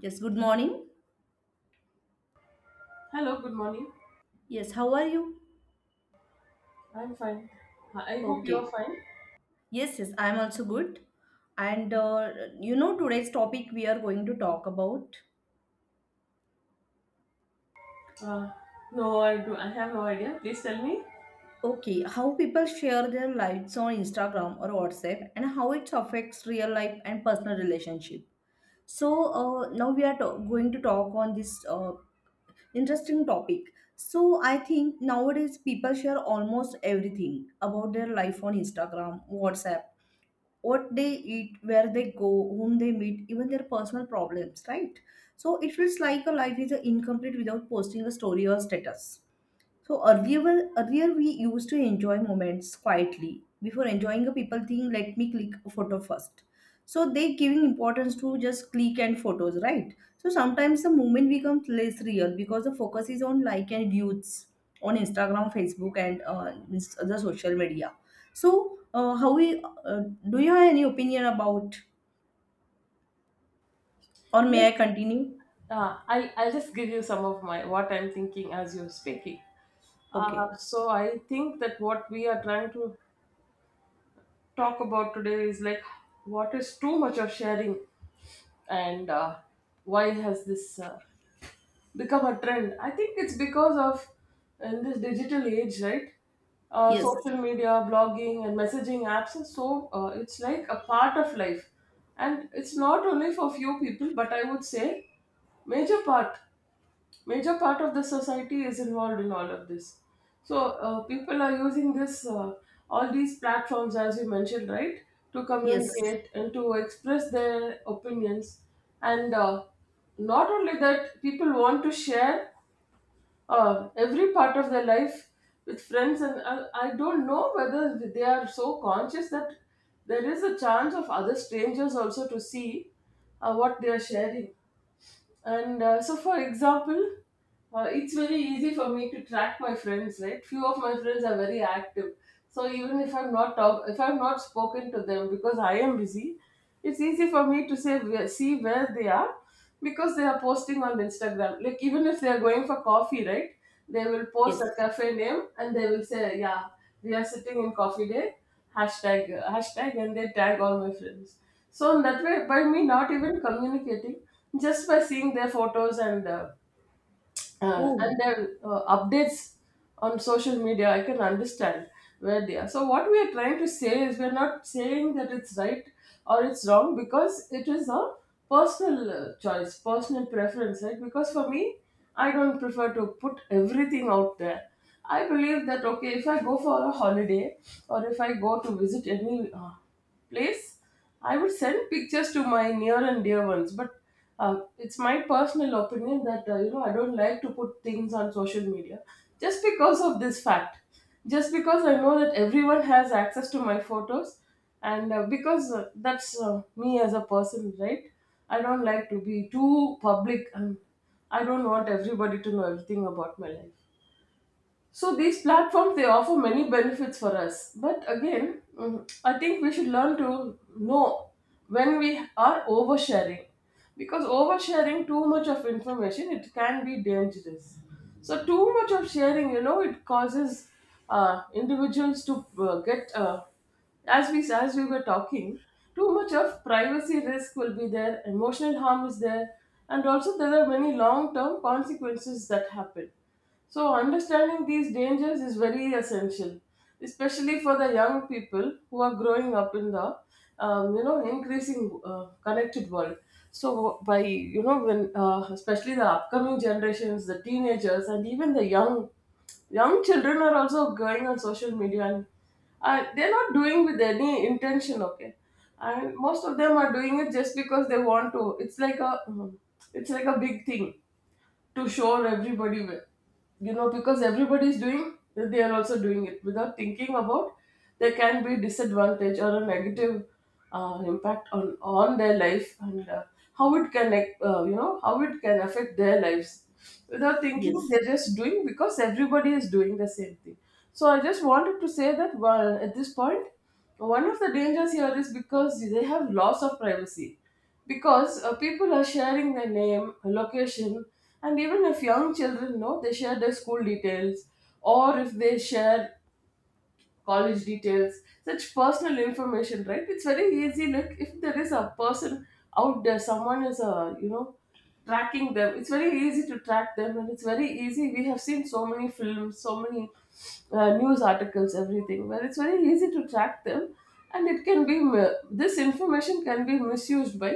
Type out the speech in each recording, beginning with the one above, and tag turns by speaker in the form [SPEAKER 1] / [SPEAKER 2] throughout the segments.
[SPEAKER 1] Yes, good morning.
[SPEAKER 2] Hello, good morning.
[SPEAKER 1] Yes, how are you?
[SPEAKER 2] I'm fine. I hope you're
[SPEAKER 1] Okay.
[SPEAKER 2] fine.
[SPEAKER 1] Yes, I am also good. And uh, Today's topic we are going to talk about.
[SPEAKER 2] Uh, no, I do. I have no idea. Please tell me.
[SPEAKER 1] Okay, how people share their lives on Instagram or WhatsApp and how it affects real life and personal relationship. Now we are going to talk on this interesting topic. So I think nowadays people share almost everything about their life on Instagram, WhatsApp, what they eat, where they go, whom they meet, even their personal problems, right? So it feels like a life is incomplete without posting a story or status. So earlier, well, earlier we used to enjoy moments quietly. Before enjoying a people thing, let me click a photo first. So they giving importance to just click and photos, right? So sometimes the moment becomes less real because the focus is on like and views on Instagram, Facebook, and other social media. So how we Do you have any opinion about, or may
[SPEAKER 2] Yes.
[SPEAKER 1] I continue?
[SPEAKER 2] I'll just give you some of my what I'm thinking as you're speaking.
[SPEAKER 1] Okay.
[SPEAKER 2] So I think that what we are trying to talk about today is like what is too much of sharing and why has this become a trend. I think it's because of in this digital age, right?
[SPEAKER 1] Yes.
[SPEAKER 2] Social media, blogging, and messaging apps are so, it's like a part of life, and it's not only for few people, but I would say major part, major part of the society is involved in all of this. So people are using this all these platforms as you mentioned, right, to
[SPEAKER 1] Yes.
[SPEAKER 2] communicate and to express their opinions, and not only that, people want to share every part of their life with friends and I don't know whether they are so conscious that there is a chance of other strangers also to see what they are sharing and so for example it's very easy for me to track my friends, right? Few of my friends are very active, so even if I'm not talk, if I'm not spoken to them because I am busy, it's easy for me to see where they are because they are posting on Instagram. Like even if they are going for coffee, right? They will post
[SPEAKER 1] Yes.
[SPEAKER 2] a cafe name and they will say, "Yeah, we are sitting in coffee day." Hashtag hashtag and they tag all my friends. So in that way, by me not even communicating, just by seeing their photos and
[SPEAKER 1] Oh.
[SPEAKER 2] their updates on social media, I can understand where they are. So what we are trying to say is we're not saying that it's right or it's wrong, because it is a personal choice, personal preference, right? Because for me, I don't prefer to put everything out there. I believe that, okay, if I go for a holiday or if I go to visit any place, I would send pictures to my near and dear ones, but it's my personal opinion that you know, I don't like to put things on social media just because of this fact. Just because I know that everyone has access to my photos, and because that's me as a person, right? I don't like to be too public, and I don't want everybody to know everything about my life. So these platforms, they offer many benefits for us, but again, mm, I think we should learn to know when we are oversharing, because oversharing too much of information, it can be dangerous. So too much of sharing, you know, it causes individuals to get as we were talking, too much of privacy risk will be there, emotional harm is there, and also there are many long-term consequences that happen. So understanding these dangers is very essential, especially for the young people who are growing up in the you know, increasing connected world. So by you know, when especially the upcoming generations, the teenagers, and even the young children are also going on social media, and they're not doing with any intention, okay, and most of them are doing it just because they want to. It's like a big thing to show everybody you know, because everybody is doing, they are also doing it without thinking about there can be disadvantage or a negative impact on their life, and how it can you know, how it can affect their lives without thinking,
[SPEAKER 1] Yes.
[SPEAKER 2] they're just doing because everybody is doing the same thing. So I just wanted to say that, well, at this point, one of the dangers here is because they have loss of privacy, because people are sharing their name, location, and even if young children know, they share their school details, or if they share college details, such personal information, right? It's very easy. Like if there is a person out there, someone is you know, tracking them. It's very easy to track them, and it's very easy. We have seen so many films, so many news articles, everything where it's very easy to track them, and it can be this information can be misused by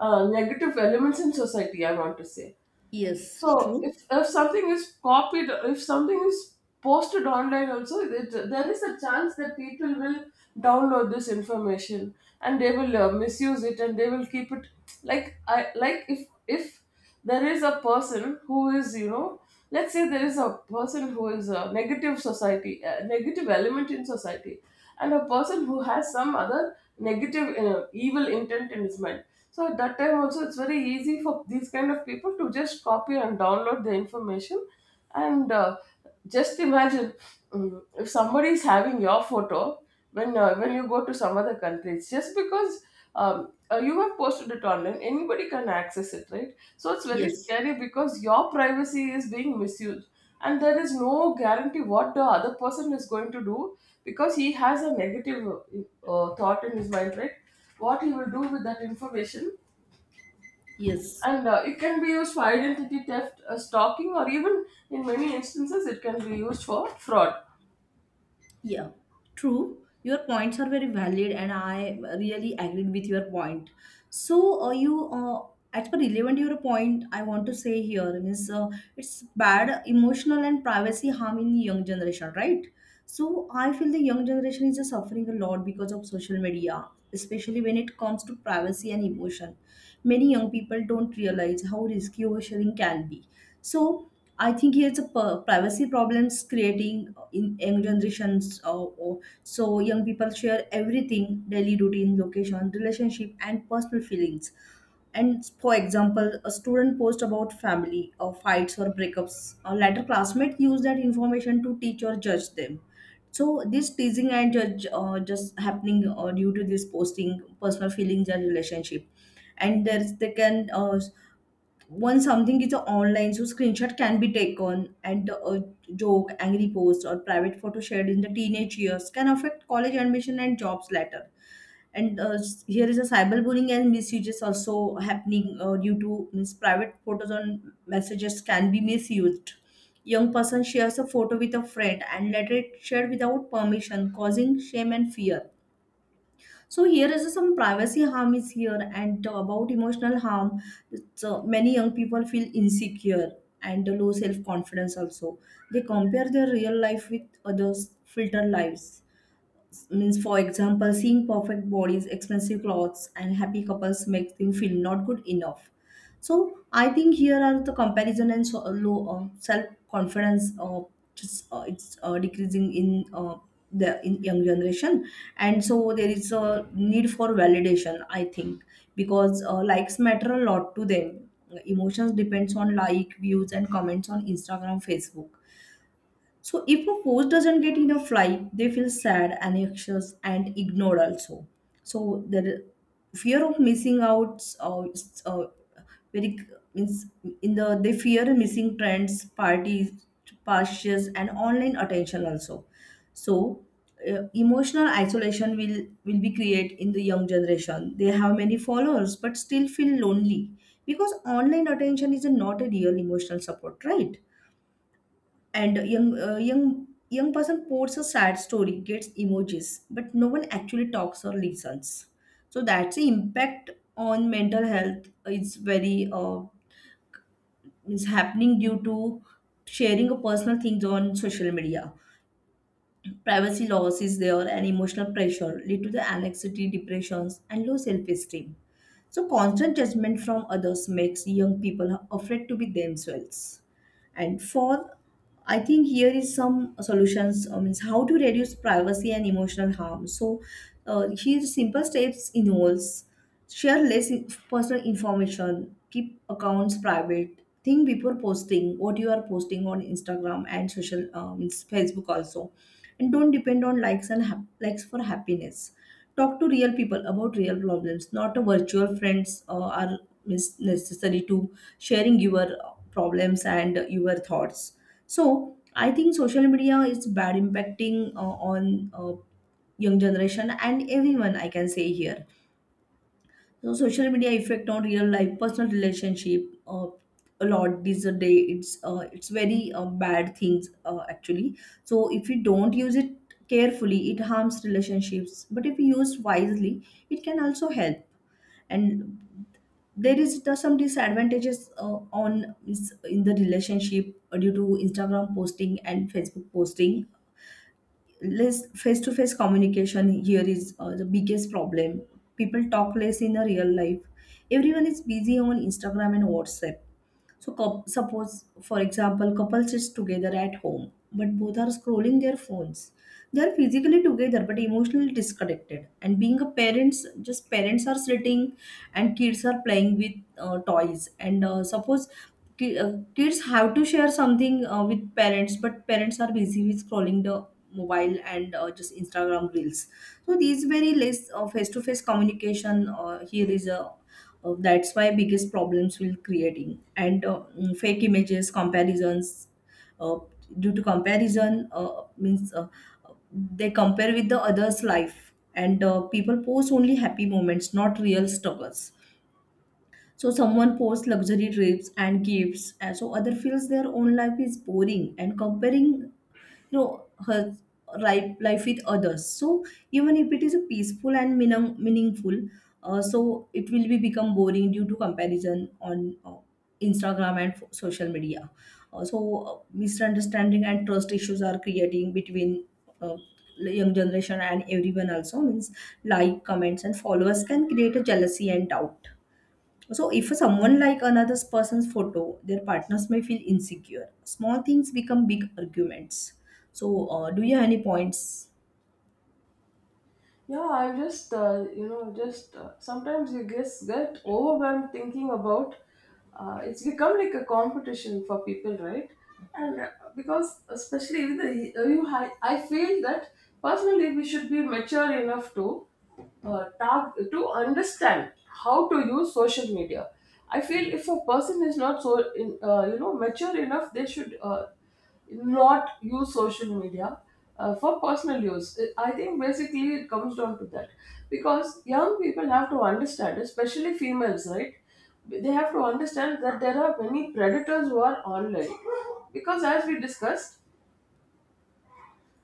[SPEAKER 2] negative elements in society, I want to say.
[SPEAKER 1] Yes.
[SPEAKER 2] So
[SPEAKER 1] True.
[SPEAKER 2] if something is copied, if something is posted online also, it, there is a chance that people will download this information, and they will misuse it, and they will keep it. Like I like if there is a person who is, you know, let's say there is a person who is a negative society, a negative element in society, and a person who has some other negative evil intent in his mind. So at that time also, it's very easy for these kind of people to just copy and download the information. And just imagine, mm, if somebody is having your photo, when you go to some other country, it's just because you have posted it online, anybody can access it, right? So it's very
[SPEAKER 1] Yes.
[SPEAKER 2] scary because your privacy is being misused, and there is no guarantee what the other person is going to do, because he has a negative thought in his mind, right? What he will do with that information,
[SPEAKER 1] Yes,
[SPEAKER 2] and it can be used for identity theft, stalking, or even in many instances, it can be used for fraud.
[SPEAKER 1] yeah, true. Your points are very valid, and I really agreed with your point. So, uh, you, uh, as per relevant your point, I want to say here means it's bad emotional and privacy harm in young generation, right? So, I feel the young generation is suffering a lot because of social media, especially when it comes to privacy and emotion. Many young people don't realize how risky oversharing can be. So, I think here's a privacy problems creating in young generations. Or, so young people share everything: daily routine, location, relationship, and personal feelings. And for example, a student post about family or fights or breakups. A later classmate use that information to teach or judge them. So this teasing and judge just happening due to this posting personal feelings and relationship, and there's they can once something is online, so screenshot can be taken. And a joke, angry post, or private photo shared in the teenage years can affect college admission and jobs later. And here is a cyberbullying and misuses also happening, due to means private photos on messages can be misused. Young person shares a photo with a friend and later it shared without permission, causing shame and fear. So here is some privacy harm is here, and about emotional harm. So many young people feel insecure and low self confidence also. They compare their real life with others, filter lives. Means for example, seeing perfect bodies, expensive clothes and happy couples makes them feel not good enough. So I think here are the comparison, and so low self confidence just it's decreasing in the in young generation. And so there is a need for validation, I think, because likes matter a lot to them. Emotions depends on like, views and comments on Instagram, Facebook. So if a post doesn't get enough like, they feel sad, anxious, and ignored also. So the fear of missing out, is, very means in the they fear missing trends, parties, pastures, and online attention also. So emotional isolation will be create in the young generation. They have many followers but still feel lonely because online attention is not a real emotional support, right? And a young person posts a sad story, gets emojis, but no one actually talks or listens. So that's the impact on mental health. It's very is happening due to sharing of personal things on social media. Privacy loss is there, and emotional pressure lead to the anxiety, depressions, and low self-esteem. So constant judgment from others makes young people afraid to be themselves. And for, I think here is some solutions. I mean, how to reduce privacy and emotional harm. So, here simple steps involves: share less personal information, keep accounts private, think before posting what you are posting on Instagram and social, Facebook also, and don't depend on likes for happiness. Talk to real people about real problems, not a virtual friends are necessary to sharing your problems and your thoughts. So I think social media is bad impacting on young generation and everyone, I can say here. So social media effect on real life personal relationship, uh, a lot these a day. It's very bad things, actually. So if we don't use it carefully, it harms relationships. But if we use wisely, it can also help. And there is some disadvantages on is in the relationship due to Instagram posting and Facebook posting. Less face-to-face communication, here is the biggest problem. People talk less in the real life. Everyone is busy on Instagram and WhatsApp. So, suppose, for example, couple sits together at home, but both are scrolling their phones. They are physically together but emotionally disconnected. And being a parents, just parents are sitting, and kids are playing with toys. And suppose kids have to share something with parents, but parents are busy with scrolling the mobile and just Instagram reels. So these very less face-to-face communication, here is a that's why biggest problems will creating. And fake images comparisons, uh, due to comparison means they compare with the others life. And people post only happy moments, not real struggles. So someone posts luxury trips and gifts, and so other feels their own life is boring and comparing, you know, her life with others. So even if it is a peaceful and meaningful, so it will be become boring due to comparison on Instagram and social media. So misunderstanding and trust issues are creating between uh, young generation and everyone also. Means like, comments and followers can create a jealousy and doubt. So if someone like another person's photo, their partners may feel insecure. Small things become big arguments. So, do you have any points?
[SPEAKER 2] Yeah, I just you know, just sometimes you just get overwhelmed thinking about it's become like a competition for people, right? And because especially with the, I feel that personally we should be mature enough to talk to understand how to use social media. I feel if a person is not so you know, mature enough, they should. Not use social media for personal use. I think basically it comes down to that, because young people have to understand, especially females, right? They have to understand that there are many predators who are online because, as we discussed,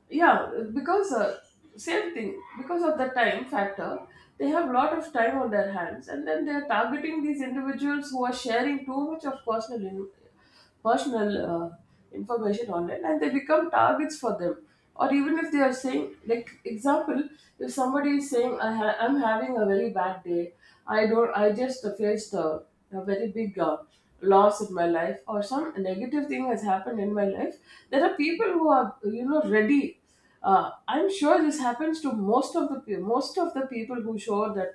[SPEAKER 2] yeah, because same thing, because of the time factor, they have a lot of time on their hands, and then they are targeting these individuals who are sharing too much of personal information online, and they become targets for them. Or even if they are saying like example, if somebody is saying, I'm having a very bad day, I don't I just faced a very big loss in my life, or some negative thing has happened in my life, there are people who are, you know, ready. I'm sure this happens to most of most of the people who show that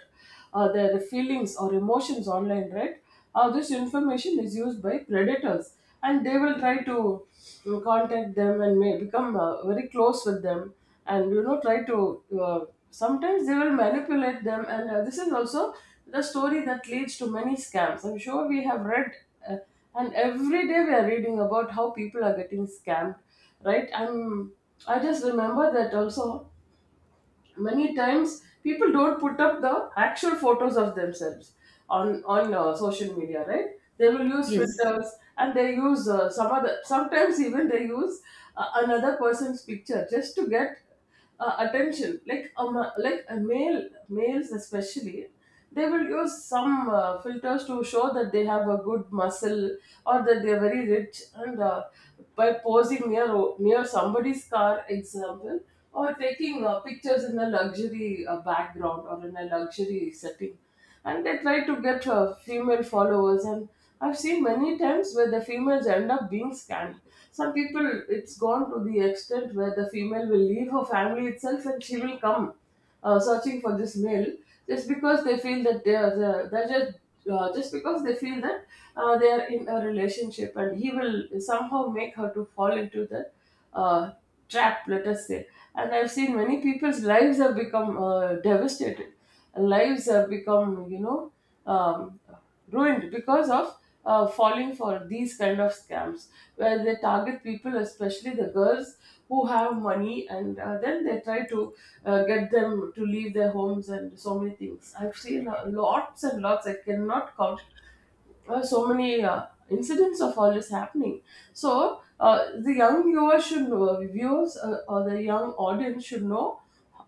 [SPEAKER 2] their feelings or emotions online, right? This information is used by predators, and they will try to, mm, contact them, and may become very close with them, and you know, try to, sometimes they will manipulate them, and this is also the story that leads to many scams. I'm sure we have read, uh, and every day we are reading about how people are getting scammed, right? I just remember that also, many times people don't put up the actual photos of themselves on social media, right? They will use
[SPEAKER 1] Yes,
[SPEAKER 2] filters, and they use some other, sometimes even they use another person's picture just to get attention, like a males especially, they will use some filters to show that they have a good muscle, or that they are very rich, and by posing near somebody's car example, or taking pictures in a luxury background, or in a luxury setting, and they try to get female followers, and I've seen many times where the females end up being scammed. Some people, it's gone to the extent where the female will leave her family itself, and she will come searching for this male, just because they feel that they're just just because they feel that they are in a relationship, and he will somehow make her to fall into the uh, trap, let us say. And I've seen many people's lives have become devastated, lives have become, you know, um, ruined because of falling for these kind of scams, where they target people, especially the girls who have money, and then they try to get them to leave their homes, and so many things I've seen, lots and lots, I cannot count so many incidents of all this happening. So the young viewers should know, viewers or the young audience should know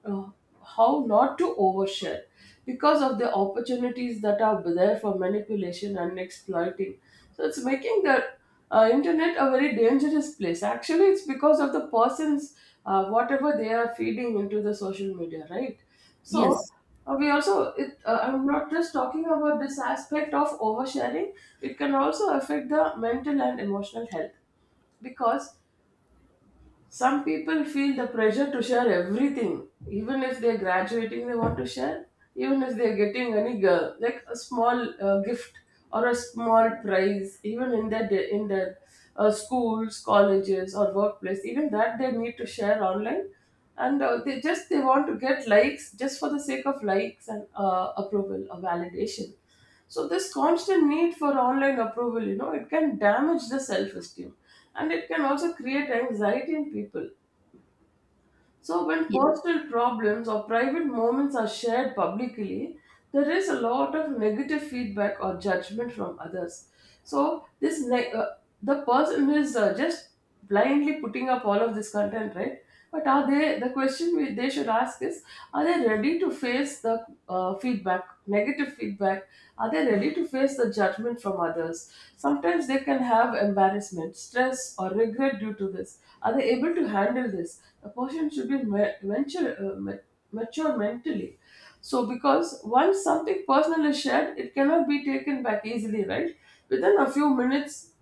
[SPEAKER 2] uh, how not to overshare because of the opportunities that are there for manipulation and exploiting. So it's making the internet a very dangerous place. Actually, it's because of the person's, whatever they are feeding into the social media, right? So
[SPEAKER 1] yes,
[SPEAKER 2] we also, I'm not just talking about this aspect of oversharing. It can also affect the mental and emotional health, because some people feel the pressure to share everything. Even if they're graduating, they want to share. Even if they're getting any girl, like a small gift or a small prize, even in in their schools, colleges, or workplace, even that they need to share online, and they want to get likes just for the sake of likes and approval or validation. So this constant need for online approval, you know, it can damage the self-esteem, and it can also create anxiety in people. So when
[SPEAKER 1] yes,
[SPEAKER 2] personal problems or private moments are shared publicly, there is a lot of negative feedback or judgment from others. So this ne- uh, the person is just blindly putting up all of this content, right? But are they— the question we maybe they should ask is, are they ready to face the feedback negative feedback? Are they ready to face the judgment from others? Sometimes they can have embarrassment, stress, or regret due to this. Are they able to handle this? The person should be mature mentally. So because once something personal is shared, it cannot be taken back easily, right? Within a few minutes,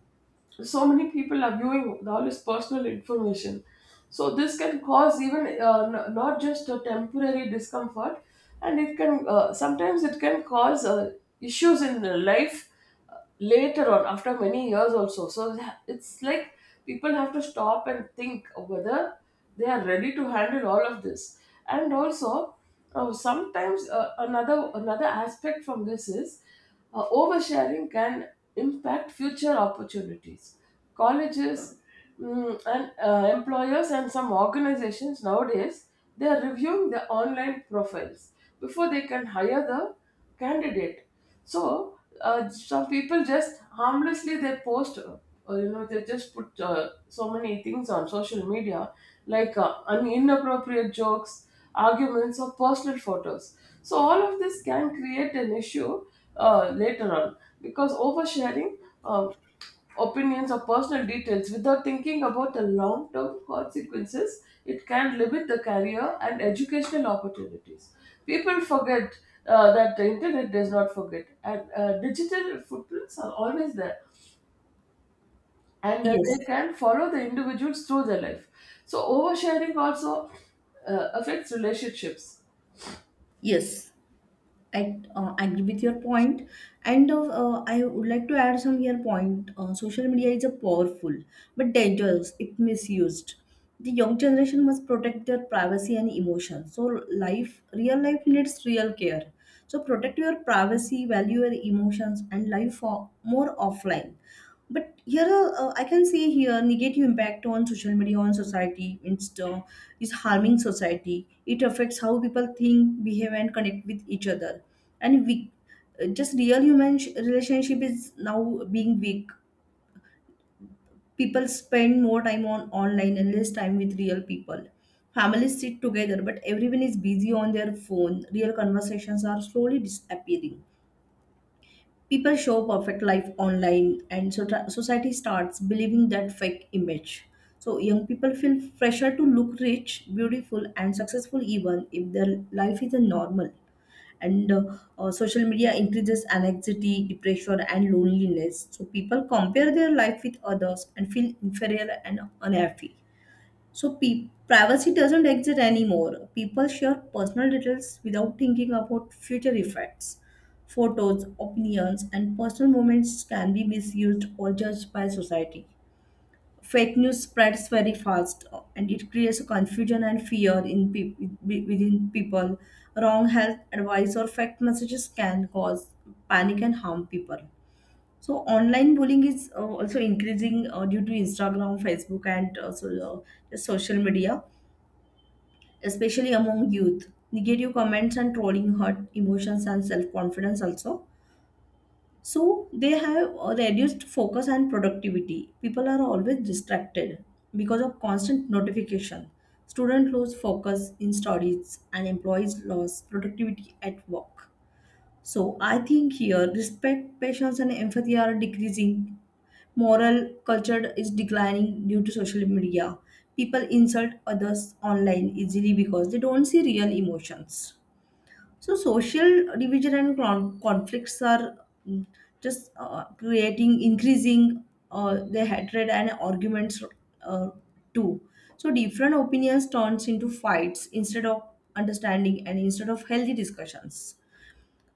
[SPEAKER 2] so many people are viewing all this personal information. So this can cause even not just a temporary discomfort, and it can sometimes it can cause issues in life later on, after many years also. It's like people have to stop and think whether they are ready to handle all of this, and also. Oh, sometimes another aspect from this is, oversharing can impact future opportunities. Colleges, and employers and some organizations nowadays, they are reviewing the online profiles before they can hire the candidate. So some people just harmlessly they post, you know, they just put so many things on social media, like inappropriate jokes, arguments, or personal photos. So all of this can create an issue later on, because oversharing um, opinions or personal details without thinking about the long term consequences, it can limit the career and educational opportunities. People forget that the internet does not forget, and digital footprints are always there, and they
[SPEAKER 1] yes,
[SPEAKER 2] can follow the individuals through their life. So oversharing also affects relationships.
[SPEAKER 1] yes. I agree with your point, and I would like to add some here point. Social media is a powerful but dangerous if misused. The young generation must protect their privacy and emotions. So life, real life needs real care. So protect your privacy, value your emotions, and life for more offline. But here, I can say here, negative impact on social media on society. Insta is harming society. It affects how people think, behave, and connect with each other. And we, just real human relationship is now being weak. People spend more time on online and less time with real people. Families sit together, but everyone is busy on their phone. Real conversations are slowly disappearing. People show perfect life online, and so society starts believing that fake image. So young people feel pressure to look rich, beautiful, and successful, even if their life is a normal. And social media increases anxiety, depression, and loneliness. So people compare their life with others and feel inferior and unhappy. So privacy doesn't exist anymore. People share personal details without thinking about future effects. Photos, opinions, and personal moments can be misused or judged by society. Fake news spreads very fast, and it creates confusion and fear in within people. Wrong health advice or fake messages can cause panic and harm people. So online bullying is also increasing due to Instagram, Facebook, and also the social media, especially among youth. Negative comments and trolling hurt emotions and self confidence also. So they have a reduced focus and productivity. People are always distracted because of constant notification. Students lose focus in studies, and employees lose productivity at work. So I think here respect, patience, and empathy are decreasing. Moral culture is declining due to social media. People insult others online easily because they don't see real emotions. So social division and conflicts are increasing the hatred and arguments, uh, too. So different opinions turns into fights instead of understanding and instead of healthy discussions.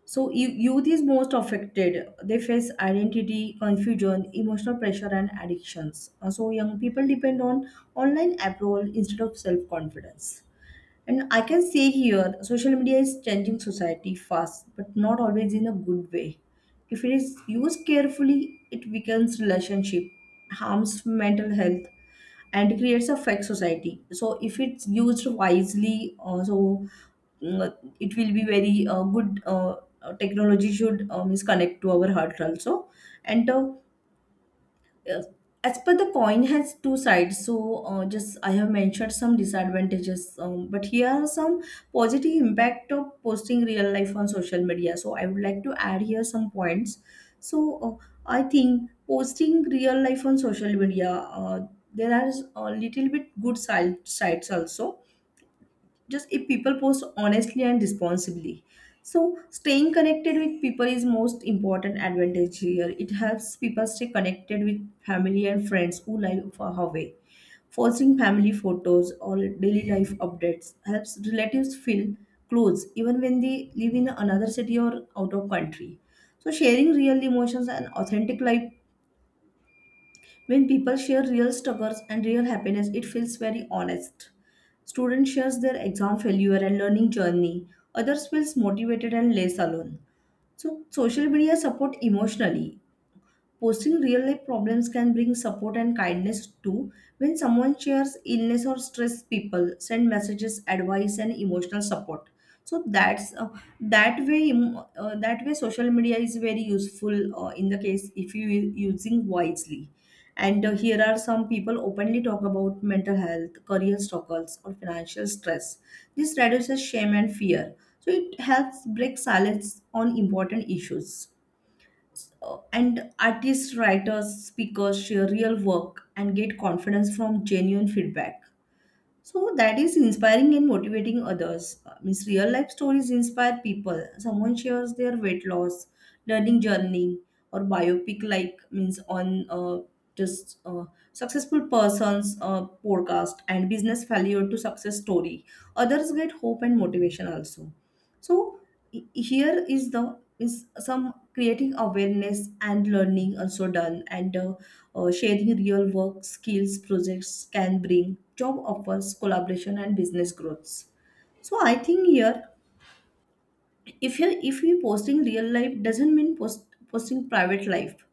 [SPEAKER 1] So youth is most affected. They face identity, confusion, emotional pressure, and addictions. So young people depend on online approval instead of self-confidence. And I can say here, social media is changing society fast, but not always in a good way. If it is used carefully, it weakens relationship, harms mental health, and creates a fake society. So if it's used wisely, it will be very good. Technology should is connect to our heart also, and uh, as per the coin has two sides. So just I have mentioned some disadvantages, but here are some positive impact of posting real life on social media. So I would like to add here some points. So I think posting real life on social media, uh, there are a little bit sides also, just if people post honestly and responsibly. So staying connected with people is most important advantage here. It helps people stay connected with family and friends who live far away. Posting family photos or daily life updates helps relatives feel close even when they live in another city or out of country. So sharing real emotions and authentic life, when people share real struggles and real happiness, it feels very honest. Students shares their exam failure and learning journey. Others feels motivated and less alone. So social media support emotionally. Posting real life problems can bring support and kindness too. When someone shares illness or stress, people send messages, advice, and emotional support. So that's that way. em- that way, social media is very useful in the case if you using wisely. And here are some people openly talk about mental health, career struggles, or financial stress. This reduces shame and fear, so it helps break silence on important issues. And artists, writers, speakers share real work and get confidence from genuine feedback. So that is inspiring and motivating others. Means real life stories inspire people. Someone shares their weight loss, learning journey, or biopic, like means on just successful persons podcast and business failure to success story. Others get hope and motivation also. So here is the is some creating awareness and learning also done. And sharing real work skills projects can bring job offers, collaboration, and business growths. So I think here, if you posting real life doesn't mean posting private life.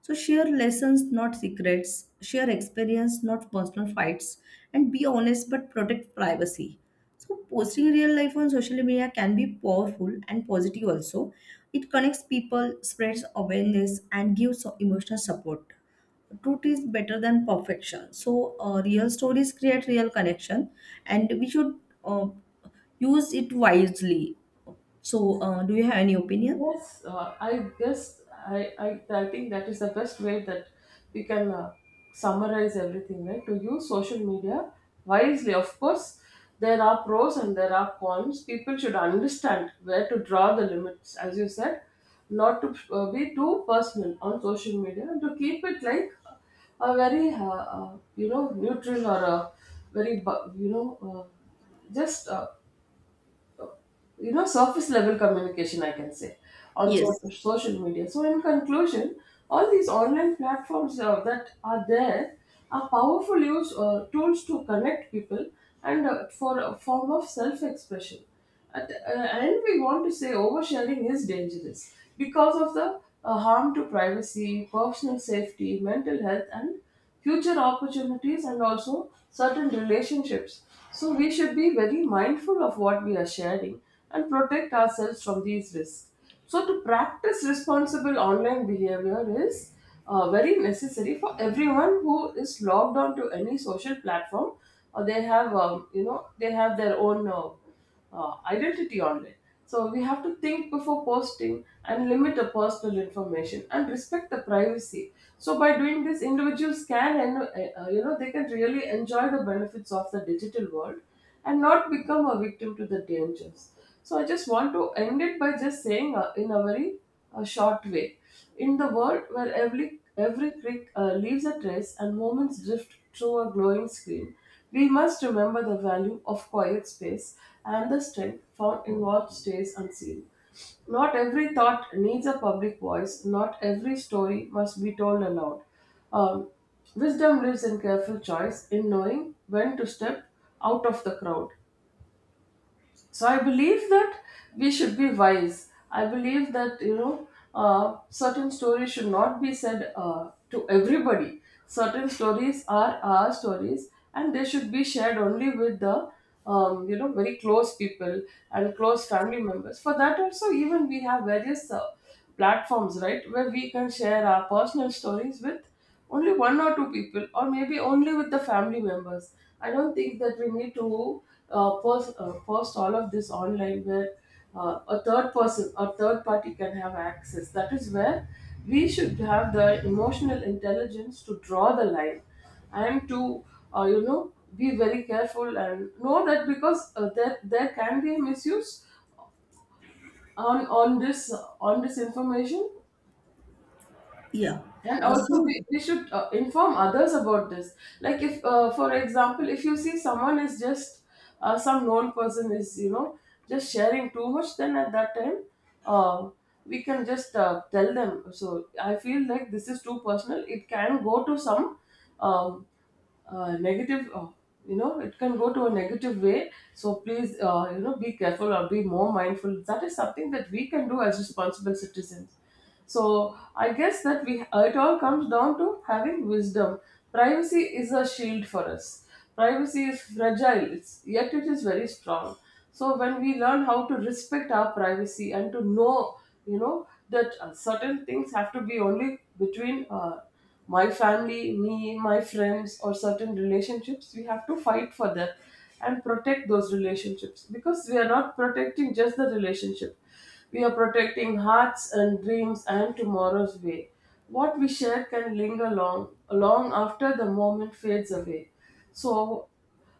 [SPEAKER 1] So share lessons, not secrets; share experience, not personal fights; and be honest but protect privacy. So posting real life on social media can be powerful and positive also. It connects people, spreads awareness, and gives emotional support. Truth is better than perfection. So real stories create real connection, and we should uh, use it wisely. So, do you have any opinion?
[SPEAKER 2] Yes, I guess I think that is the best way that we can summarize everything, right? To use social media wisely. Of course, there are pros and there are cons. People should understand where to draw the limits, as you said, not to be too personal on social media, and to keep it like a very you know, neutral, or a very you know just you know, surface level communication, I can say, on
[SPEAKER 1] Yes.
[SPEAKER 2] social media. So in conclusion, all these online platforms that are there are powerful use tools to connect people and for a form of self expression and we want to say oversharing is dangerous because of the harm to privacy, personal safety, mental health, and future opportunities, and also certain relationships. So we should be very mindful of what we are sharing and protect ourselves from these risks. So to practice responsible online behavior is very necessary for everyone who is logged on to any social platform, or they have you know, they have their own identity online. So we have to think before posting, and limit the personal information, and respect the privacy. So by doing this, individuals can and you know, they can really enjoy the benefits of the digital world and not become a victim to the dangers. So I just want to end it by just saying, in a very short way, in the world where every click leaves a trace and moments drift through a glowing screen, we must remember the value of quiet space and the strength found in what stays unseen. Not every thought needs a public voice, not every story must be told aloud. Um, Wisdom lives in careful choice, in knowing when to step out of the crowd. So I believe that we should be wise. I believe that, you know, certain stories should not be said to everybody. Certain stories are our stories, and they should be shared only with the you know, very close people and close family members. For that also, even we have various platforms, right, where we can share our personal stories with only one or two people, or maybe only with the family members. I don't think that we need to post all of this online where a third person or third party can have access. That is where we should have the emotional intelligence to draw the line, and to you know, be very careful and know that, because there can be a misuse on this, on this information.
[SPEAKER 1] Yeah.
[SPEAKER 2] And also,
[SPEAKER 1] So,
[SPEAKER 2] we should inform others about this. Like, if, for example, if you see someone is just, some known person is, you know, just sharing too much, then at that time, uh, we can just tell them. So, I feel like this is too personal. It can go to some um, negative, you know, it can go to a negative way, so please, you know, be careful or be more mindful. That is something that we can do as responsible citizens. So I guess that we— it all comes down to having wisdom. Privacy is a shield for us. Privacy is fragile, yet it is very strong. So when we learn how to respect our privacy and to know, you know, that certain things have to be only between my family, me, my friends, or certain relationships, we have to fight for that and protect those relationships, because we are not protecting just the relationship, we are protecting hearts and dreams and tomorrow's way. What we share can linger long, long after the moment fades away. So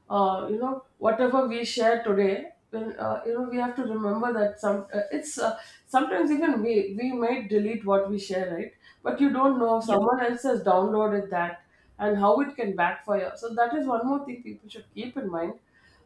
[SPEAKER 2] you know, whatever we share today, when you know, we have to remember that sometimes even we might delete what we share, right? But you don't know if
[SPEAKER 1] yeah.
[SPEAKER 2] someone else has downloaded that, and how it can backfire. So that is one more thing people should keep in mind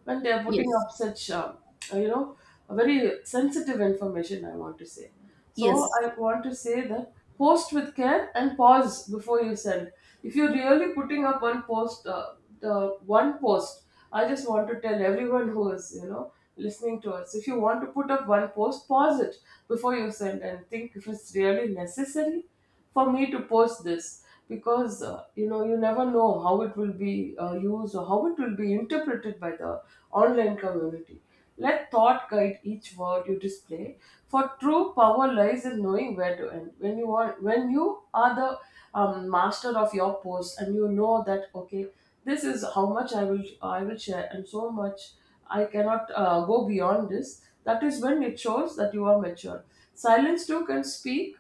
[SPEAKER 2] when they are putting
[SPEAKER 1] Yes.
[SPEAKER 2] up such, you know, very sensitive information, I want to say. So
[SPEAKER 1] Yes.
[SPEAKER 2] I want to say that post with care and pause before you send. If you're really putting up one post, the one post, I just want to tell everyone who is, you know, listening to us. If you want to put up one post, pause it before you send and think if it's really necessary for me to post this, because you know, you never know how it will be used or how it will be interpreted by the online community. Let thought guide each word you display, for true power lies in knowing where to end. When you are— when you are the master of your post and you know that, okay, this is how much I will share and so much I cannot go beyond this, that is when it shows that you are mature. Silence too can speak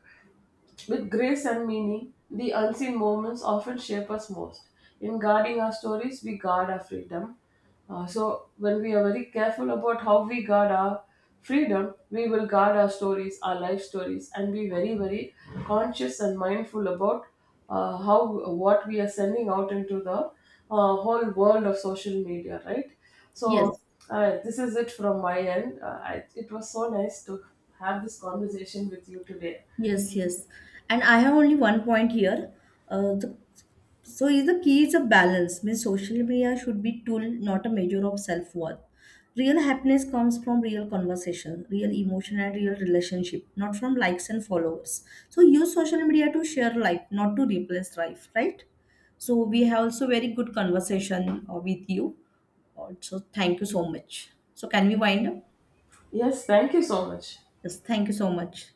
[SPEAKER 2] with grace and meaning. The unseen moments often shape us most. In guarding our stories, we guard our freedom. So, when we are very careful about how we guard our freedom, we will guard our stories, our life stories, and be very, very conscious and mindful about how— what we are sending out into the whole world of social media, right? So,
[SPEAKER 1] Yes.
[SPEAKER 2] this is it from my end. It was so nice to have this conversation with you today.
[SPEAKER 1] Yes, yes. And I have only one point here. Uh, the, so is the key is a balance. Means social media should be tool, not a measure of self-worth. Real happiness comes from real conversation, real emotion and real relationship, not from likes and followers. So use social media to share life, not to replace life, right? So we have also very good conversation with you. So thank you so much. So can we wind up?
[SPEAKER 2] Yes, thank you so much.
[SPEAKER 1] Yes, thank you so much.